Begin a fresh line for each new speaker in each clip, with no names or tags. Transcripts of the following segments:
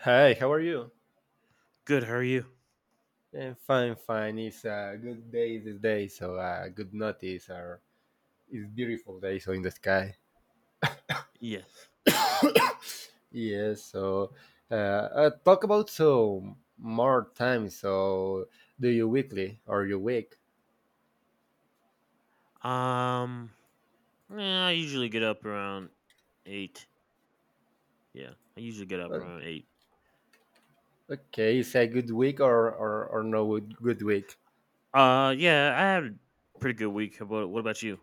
Hi, how are you?
Good. How are you?
I'm fine, fine. It's a good day this day, so a good notice. Or it's beautiful day, so in the sky.
Yes.
Yes. So, talk about so more time. So, do you weekly or you week?
Um. Yeah, I usually get up around eight. Yeah, I usually get up
Uh,
around eight.
okay, is a good week or no good week?
Yeah, I had a pretty good week. How about what about you?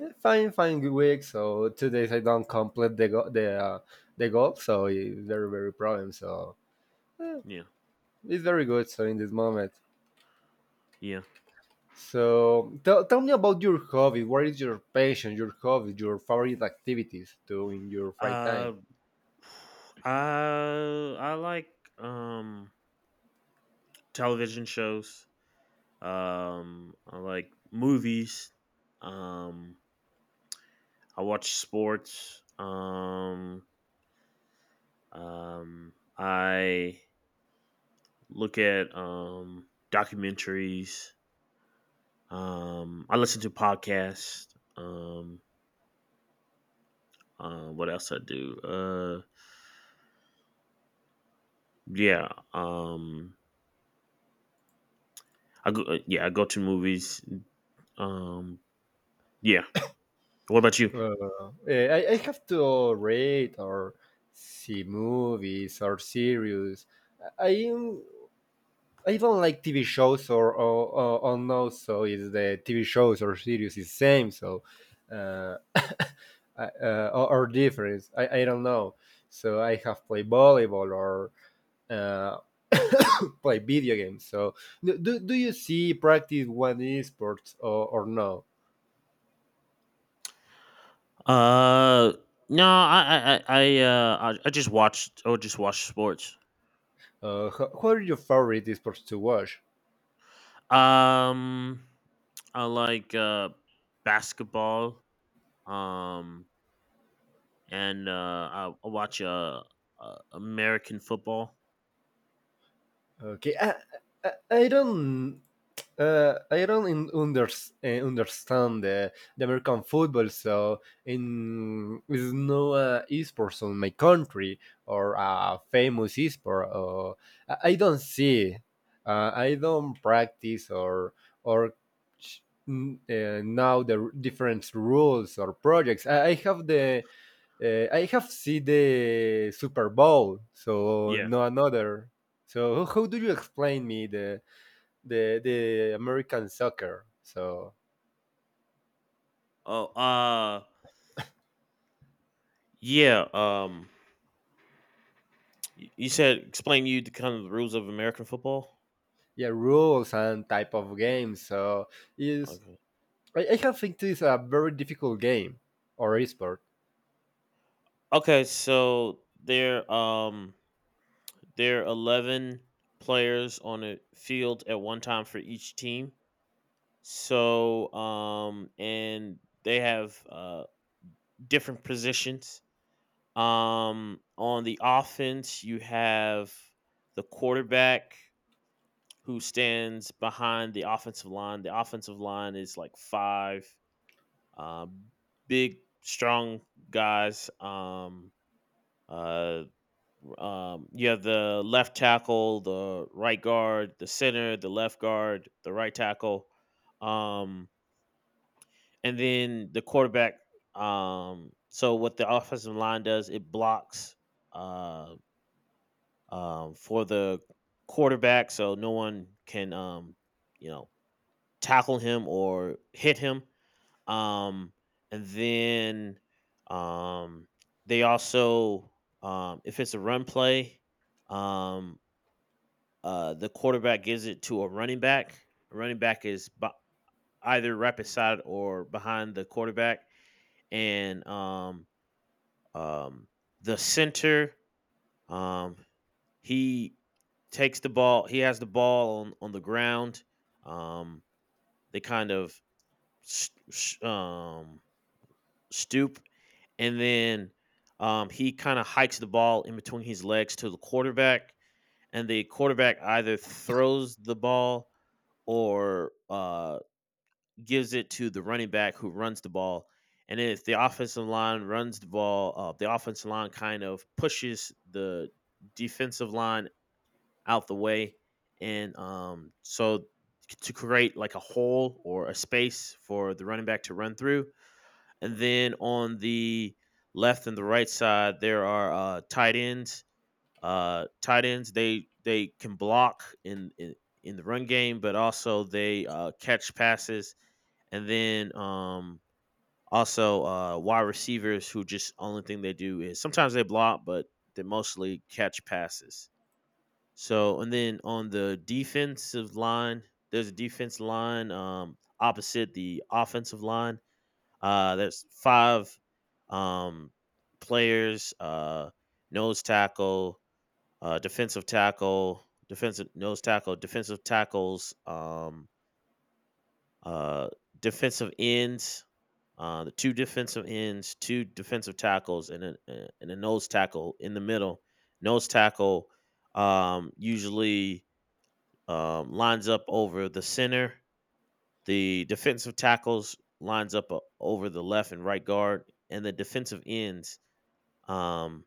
Fine, fine, good week. So 2 days I don't complete the the goal, so it's very problem. So eh,
Yeah.
it's very good. So in this moment.
Yeah.
So tell me about your hobby. What is your passion, your hobby, your favorite activities to in your free time?
Uh. I like um television shows. I like movies. Um. I watch sports. I look at documentaries. I listen to podcasts. Um, what else I do? Yeah. Um, I go. Yeah, I go to movies. Um, yeah. What about you?
I have to read or see movies or series. I I I don't like TV shows or no, so is the TV shows or series is same so uh, or difference. I don't know. So I have played volleyball or uh, play video games. So, do you see practice one esports or no?
Uh, no, I just watched. I would just watch sports.
What are your favorite esports to watch?
Um, I like basketball. Um, I watch American football.
Okay, I don't, I don't understand the American football, so in is no esports on my country or a famous esport. Or, I don't see, I don't practice or ch- now the different rules or projects. I have the I have seen the Super Bowl, so
Yeah.
no another. So how do you explain me the American soccer? So
Oh, uh, yeah. Um, You said explain you the kind of the rules of American football.
yeah, rules and type of games. So is
Okay.
I have think this is a very difficult game or esport.
Okay, so there there are 11 players on a field at one time for each team. So and they have different positions. On the offense, you have the quarterback who stands behind the offensive line. The offensive line is like 5 Um, big, strong guys. Uh, you have the left tackle, the right guard, the center, the left guard, the right tackle, um, and then the quarterback. So what the offensive line does, it blocks uh, for the quarterback, so no one can you know tackle him or hit him. Um, and then um, they also, if it's a run play, um, the quarterback gives it to a running back. A running back is either right beside or behind the quarterback, and um, the center, um, he takes the ball. He has the ball on the ground. Um, they kind of s- s- um, stoop, and then he kind of hikes the ball in between his legs to the quarterback, and the quarterback either throws the ball or gives it to the running back who runs the ball. And then if the offensive line runs the ball, the offensive line kind of pushes the defensive line out the way, and so to create like a hole or a space for the running back to run through. And then on the left and the right side, there are tight ends. Tight ends, they can block in the run game, but also they catch passes. And then also wide receivers, who just only thing they do is sometimes they block, but they mostly catch passes. So and then on the defensive line, there's a defense line opposite the offensive line. There's five um, players: nose tackle, defensive tackles, uh, defensive ends. The two defensive ends, two defensive tackles, and and a nose tackle in the middle. Nose tackle usually lines up over the center. The defensive tackles lines up over the left and right guard, and the defensive ends um,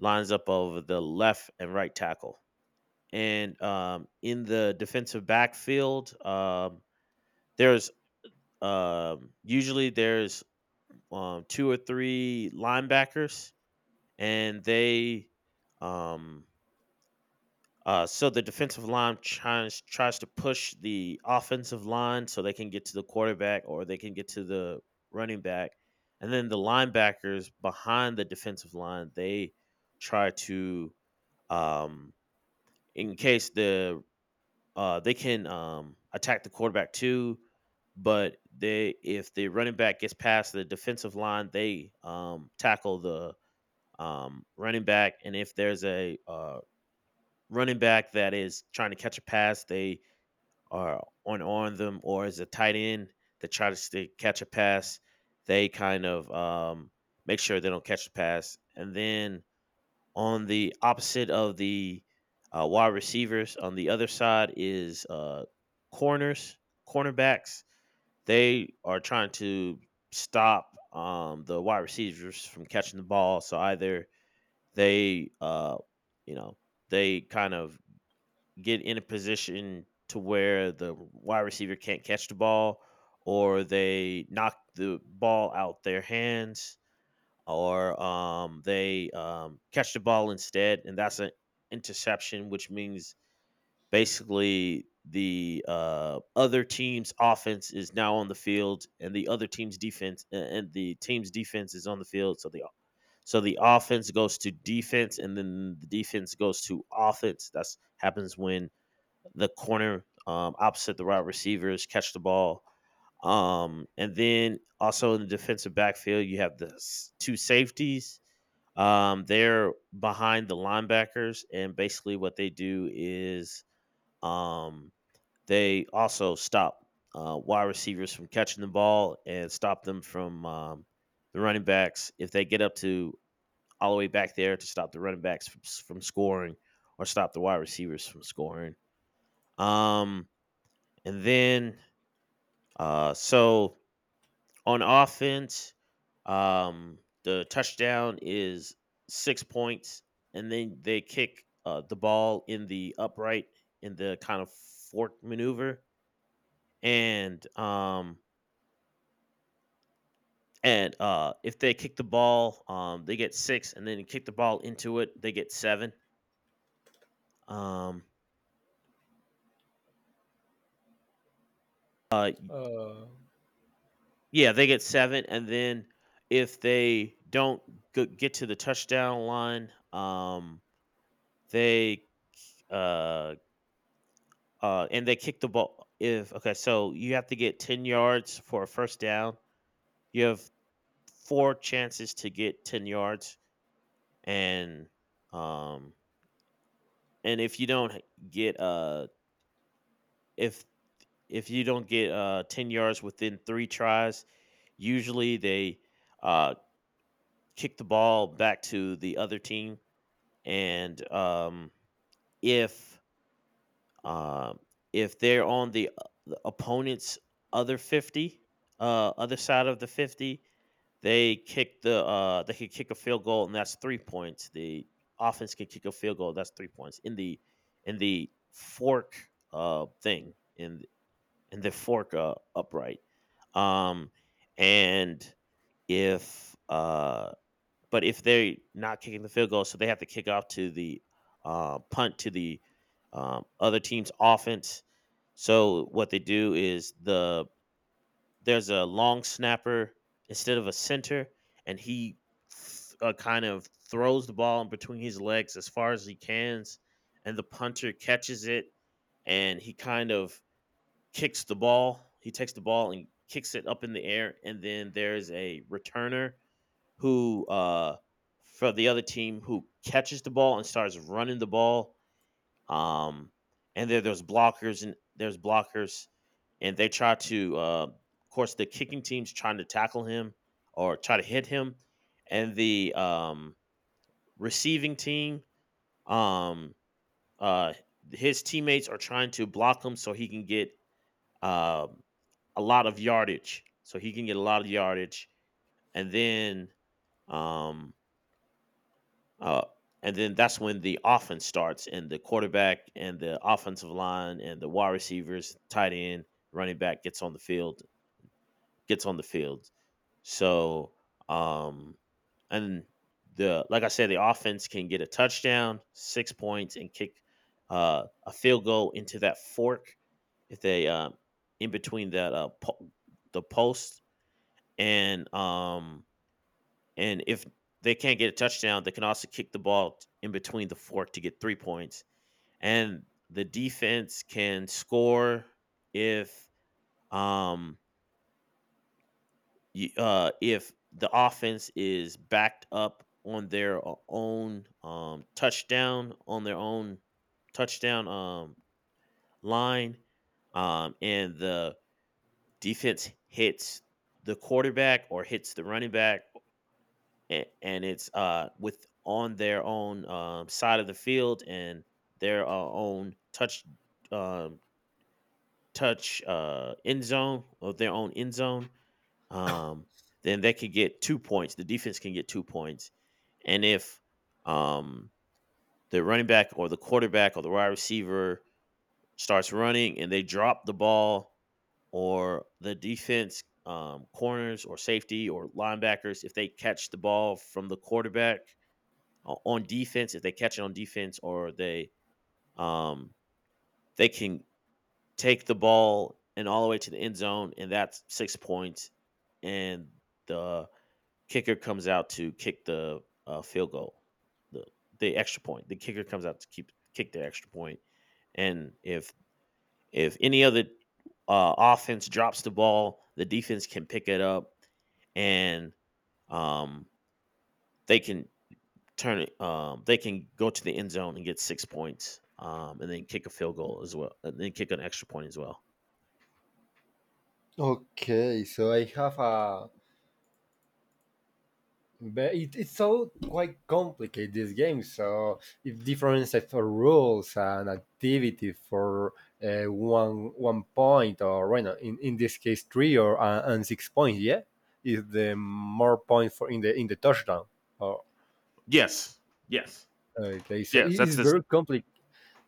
lines up over the left and right tackle. And in the defensive backfield, there's usually there's two or three linebackers, and they um, so the defensive line tries to push the offensive line so they can get to the quarterback or they can get to the running back, and then the linebackers behind the defensive line they try to um, in case the they can attack the quarterback too, but they if the running back gets past the defensive line they tackle the running back, and if there's a running back that is trying to catch a pass, they are on them, or is a tight end that tries to catch a pass, they kind of make sure they don't catch the pass. And then on the opposite of the wide receivers, on the other side is corners, cornerbacks. They are trying to stop the wide receivers from catching the ball. So either they, uh, you know, they kind of get in a position to where the wide receiver can't catch the ball, or they knock the ball out their hands, or they catch the ball instead, and that's an interception, which means basically the other team's offense is now on the field and the other team's defense, and the team's defense is on the field, so the offense goes to defense and then the defense goes to offense. That's happens when the corner opposite the wide receivers catch the ball. And then also in the defensive backfield, you have the two safeties. They're behind the linebackers, and basically what they do is um, they also stop wide receivers from catching the ball and stop them from the running backs if they get up to all the way back there, to stop the running backs from scoring or stop the wide receivers from scoring. Um, and then, so on offense, um, the touchdown is 6 points, and then they kick the ball in the upright, in the kind of fork maneuver, and um, and if they kick the ball, they get 6, and then kick the ball into it, they get 7. Um, uh,
Uh,
yeah, they get 7, and then if they don't get to the touchdown line, they Uh, and they kick the ball. If okay, so you have to get 10 yards for a first down. You have 4 chances to get 10 yards, and um, and if you don't h- get if if you don't get 10 yards within 3 tries, usually they uh kick the ball back to the other team, and if Um, if they're on the opponent's other 50, other side of the 50, they kick the they could kick a field goal and that's 3 points. The offense could kick a field goal, that's 3 points. In the fork thing in the fork upright. Um, and if But if they're not kicking the field goal, so they have to kick off to the punt to the other team's offense. So what they do is there's a long snapper instead of a center, and he kind of throws the ball in between his legs as far as he can, and the punter catches it, and he kind of kicks the ball. He takes the ball and kicks it up in the air, and then there's a returner who for the other team who catches the ball and starts running the ball. Um, and there's blockers, and they try to of course, the kicking team's trying to tackle him or try to hit him, and the receiving team, um, uh, his teammates are trying to block him so he can get um, a lot of yardage. and then um, Uh, and then that's when the offense starts, and the quarterback and the offensive line and the wide receivers, tight end, running back gets on the field, gets on the field. So, um, and the like I said, the offense can get a touchdown, 6 points, and kick a field goal into that fork if they in between that the post, and um, and if they can't get a touchdown, they can also kick the ball in between the fork to get 3 points. And the defense can score if um if the offense is backed up on their own touchdown line, and the defense hits the quarterback or hits the running back, and it's with on their own side of the field and their own touch um, touch end zone, or their own end zone, um, then they could get 2 points. The defense can get 2 points, and if um, the running back or the quarterback or the wide receiver starts running and they drop the ball, or the defense corners or safety or linebackers if they catch the ball from the quarterback on defense, if they catch it on defense, or they um can take the ball and all the way to the end zone and that's 6 points, and the kicker comes out to kick the field goal, the the extra point. The kicker comes out to keep kick the extra point. And if any other offense drops the ball, the defense can pick it up and um they can turn it. They can go to the end zone and get 6 points, and then kick a field goal as well, and then kick an extra point as well.
okay, so I have a But it, it's so quite complicated this game. So if different sets of rules and activity for one point or you know, in this case three or and six points, yeah, is the more point for in the touchdown. Or,
Yes, yes,
okay, so it
yes,
is
that's this.
very complex.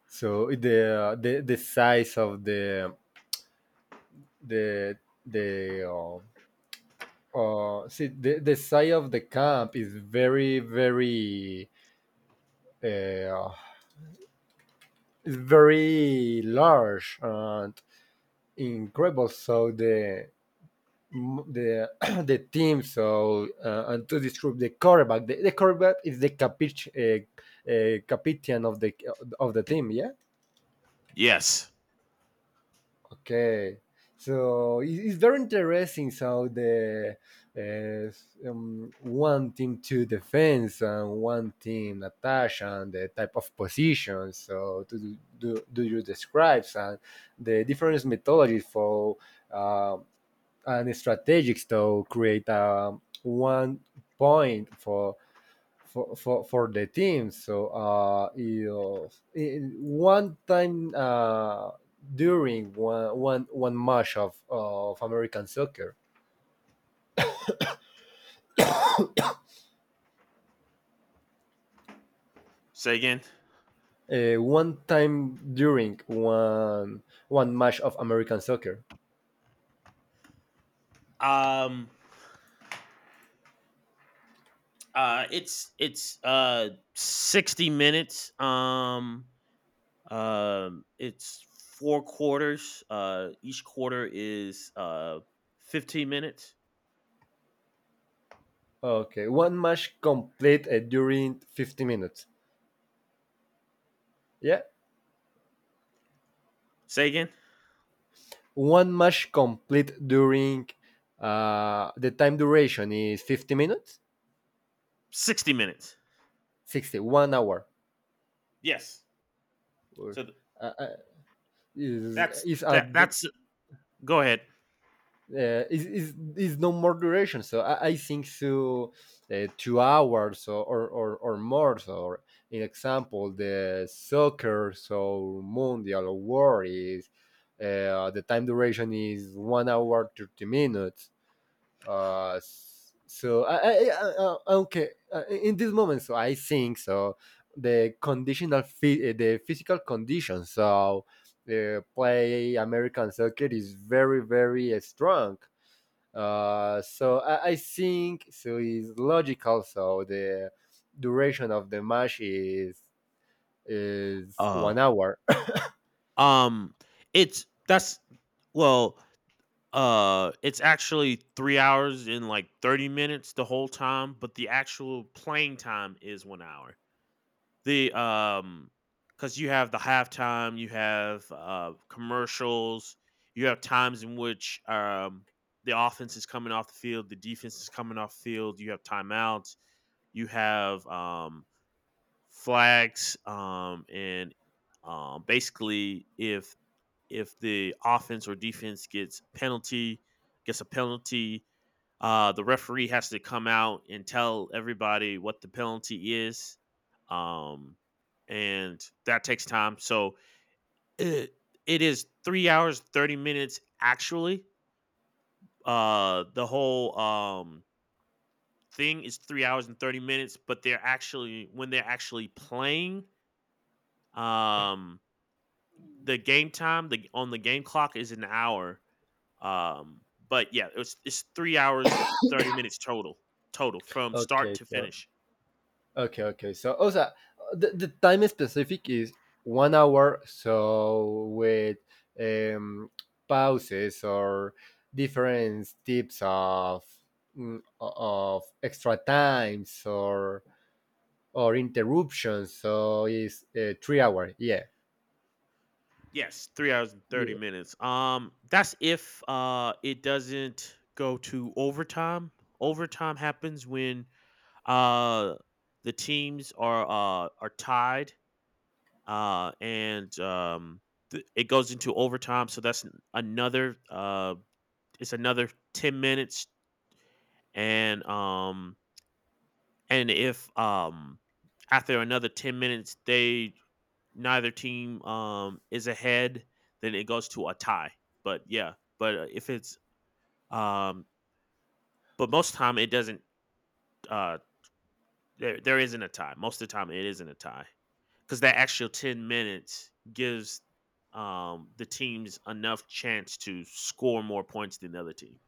So the size of the the see the size of the camp is very uh, is very large and incredible. So the the team so and to describe the quarterback the quarterback is the capitian of the team yeah.
Yes.
Okay, so it- it's very interesting how the uh, one team to defense and one team attack and the type of positions. So to do you describe and the different methodologies for uh, and strategies to create one point for the team. So you was- one time during one match of American soccer,
Say again.
one time during one match of American soccer.
Um uh it's it's uh 60 minutes. It's four quarters. Each quarter is 15 minutes.
Okay, one match complete during 50 minutes. Yeah,
Say again.
one match complete during the time duration is 50 minutes,
60 minutes.
60 one hour.
Yes.
Or,
So th-
uh, uh, is
that's
is a
that. That's Go ahead.
is no more duration. So I think so, 2 hours or more. So in example, the soccer, so mundial or world is the time duration is 1 hour 30 minutes. Uh, so okay in this moment. So I think so the the physical condition. So. The play American soccer is very strong so I think so it's logical. So the duration of the match is one
Oh,
hour.
um, it's that's well, it's actually 3 hours and like 30 minutes the whole time, but the actual playing time is 1 hour. The Because you have the halftime, you have commercials, you have times in which the offense is coming off the field, the defense is coming off the field, you have timeouts, you have flags, and basically if the offense or defense gets a penalty, the referee has to come out and tell everybody what the penalty is, um, and that takes time. So it, it is 3 hours 30 minutes actually. The whole Thing is 3 hours and 30 minutes, but they're actually when they're actually playing, um the game time, the on the game clock, is an hour. Um, but yeah, it's 3 hours 30 minutes total, from start
okay,
to
so
finish.
okay, okay. So also the time specific is 1 hour. So with um, pauses or different tips of of extra times or interruptions. So is 3 hour. Yeah.
Yes, 3 hours and 30 minutes. That's if it doesn't go to overtime. Overtime happens when Uh, the teams are tied, uh, and um, it goes into overtime. So that's another. It's another 10 minutes, and um, and if after another 10 minutes, they neither team is ahead, then it goes to a tie. But yeah, but if it's um, but most time it doesn't. Uh, there there isn't a tie. Most of the time it isn't a tie, because that extra 10 minutes gives the teams enough chance to score more points than the other team.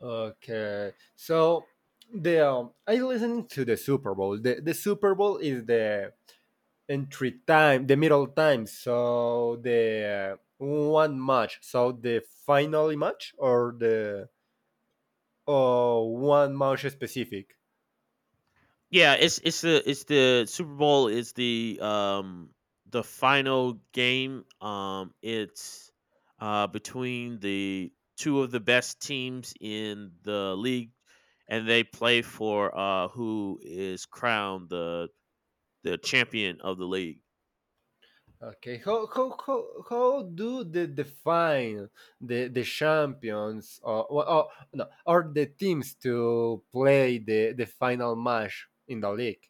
Okay, so the I listening to the Super Bowl. The Super Bowl is the entry time, the middle time. So the one match. So the final match or the or one match specific.
Yeah, it's the Super Bowl is the final game. It's between the two of the best teams in the league, and they play for who is crowned the champion of the league.
Okay, how do they define the champions or no or the teams to play the final match in the league?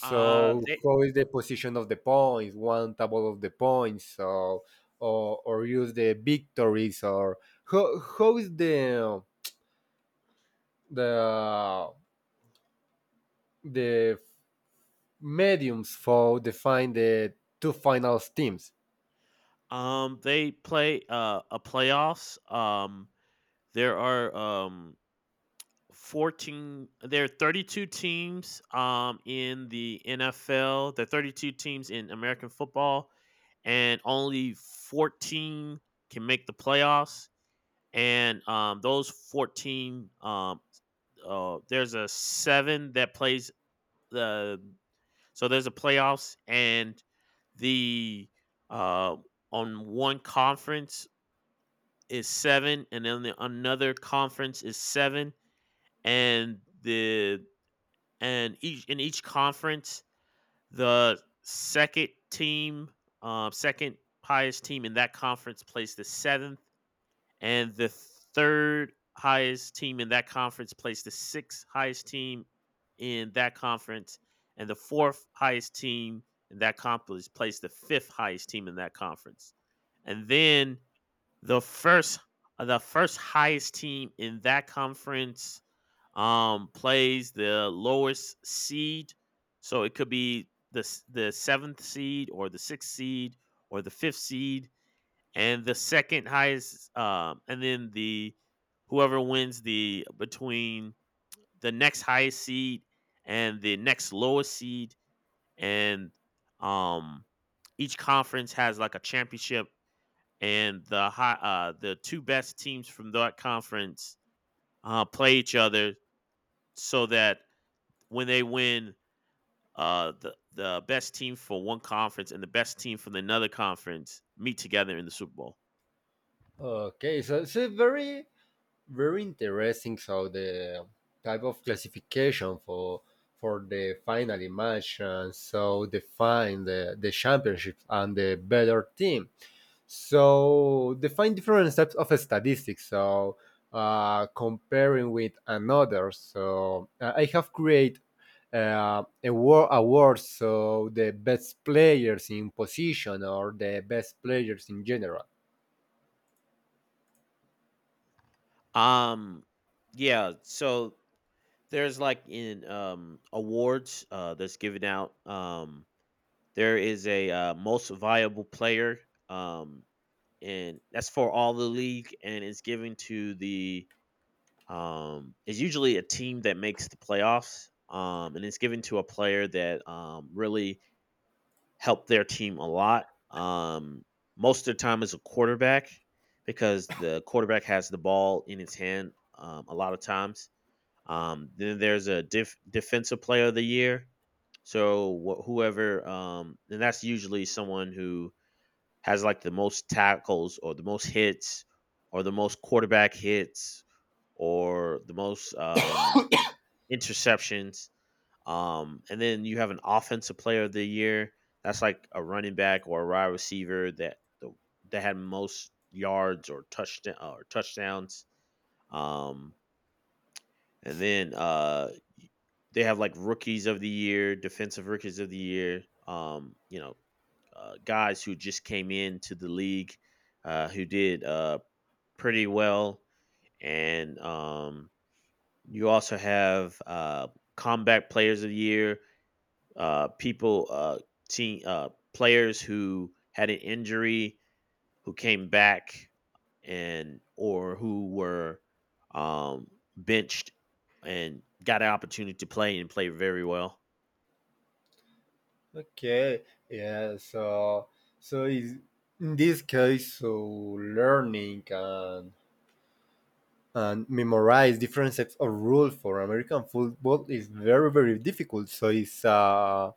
Uh, they
how is the position of the points, one table of the points, so or use the victories or how is the the mediums for define the two finals teams?
they play a playoffs. There are 14. There are 32 teams in the NFL. There are 32 teams in American football, and only 14 can make the playoffs. And those 14 oh, there's a seven that plays the there's a playoffs, and the uh on one conference is seven, and then another conference is seven, and the and each in each conference, the second team second highest team in that conference plays the seventh, and the third highest team in that conference plays the sixth highest team in that conference, and the fourth highest team in that conference plays the fifth highest team in that conference, and then the first the first highest team in that conference plays the lowest seed. So it could be the seventh seed, or the sixth seed, or the fifth seed, and the second highest and then the whoever wins the between the next highest seed and the next lowest seed. And um each conference has like a championship, and the high the two best teams from that conference play each other, so that when they win, the best team for one conference and the best team from another conference meet together in the Super Bowl.
Okay, so it's a very interesting how the type of classification for the final match and so define the championship and the better team. So define different types of statistics. So comparing with another. So I have created a war award. So the best players in position or the best players in general.
Um yeah, so there's like in awards that's given out. There is a most viable player, um and that's for all the league, and it's given to the it's usually a team that makes the playoffs, and it's given to a player that really helped their team a lot. Most of the time is a quarterback, because the quarterback has the ball in its hand a lot of times. Then there's a defensive player of the year. So Whoever, and that's usually someone who has like the most tackles, or the most hits, or the most quarterback hits, or the most interceptions. And then you have an offensive player of the year. That's like a running back or a wide receiver that that had most yards or touchdowns. Um, and then they have like rookies of the year, defensive rookies of the year, you know, guys who just came into the league who did pretty well. And you also have combat players of the year, people team players who had an injury, who came back, and or who were um, benched and got an opportunity to play and play very well.
Okay, yeah, so so is in this case, so learning and memorize different sets of rules for American football is very difficult. So it's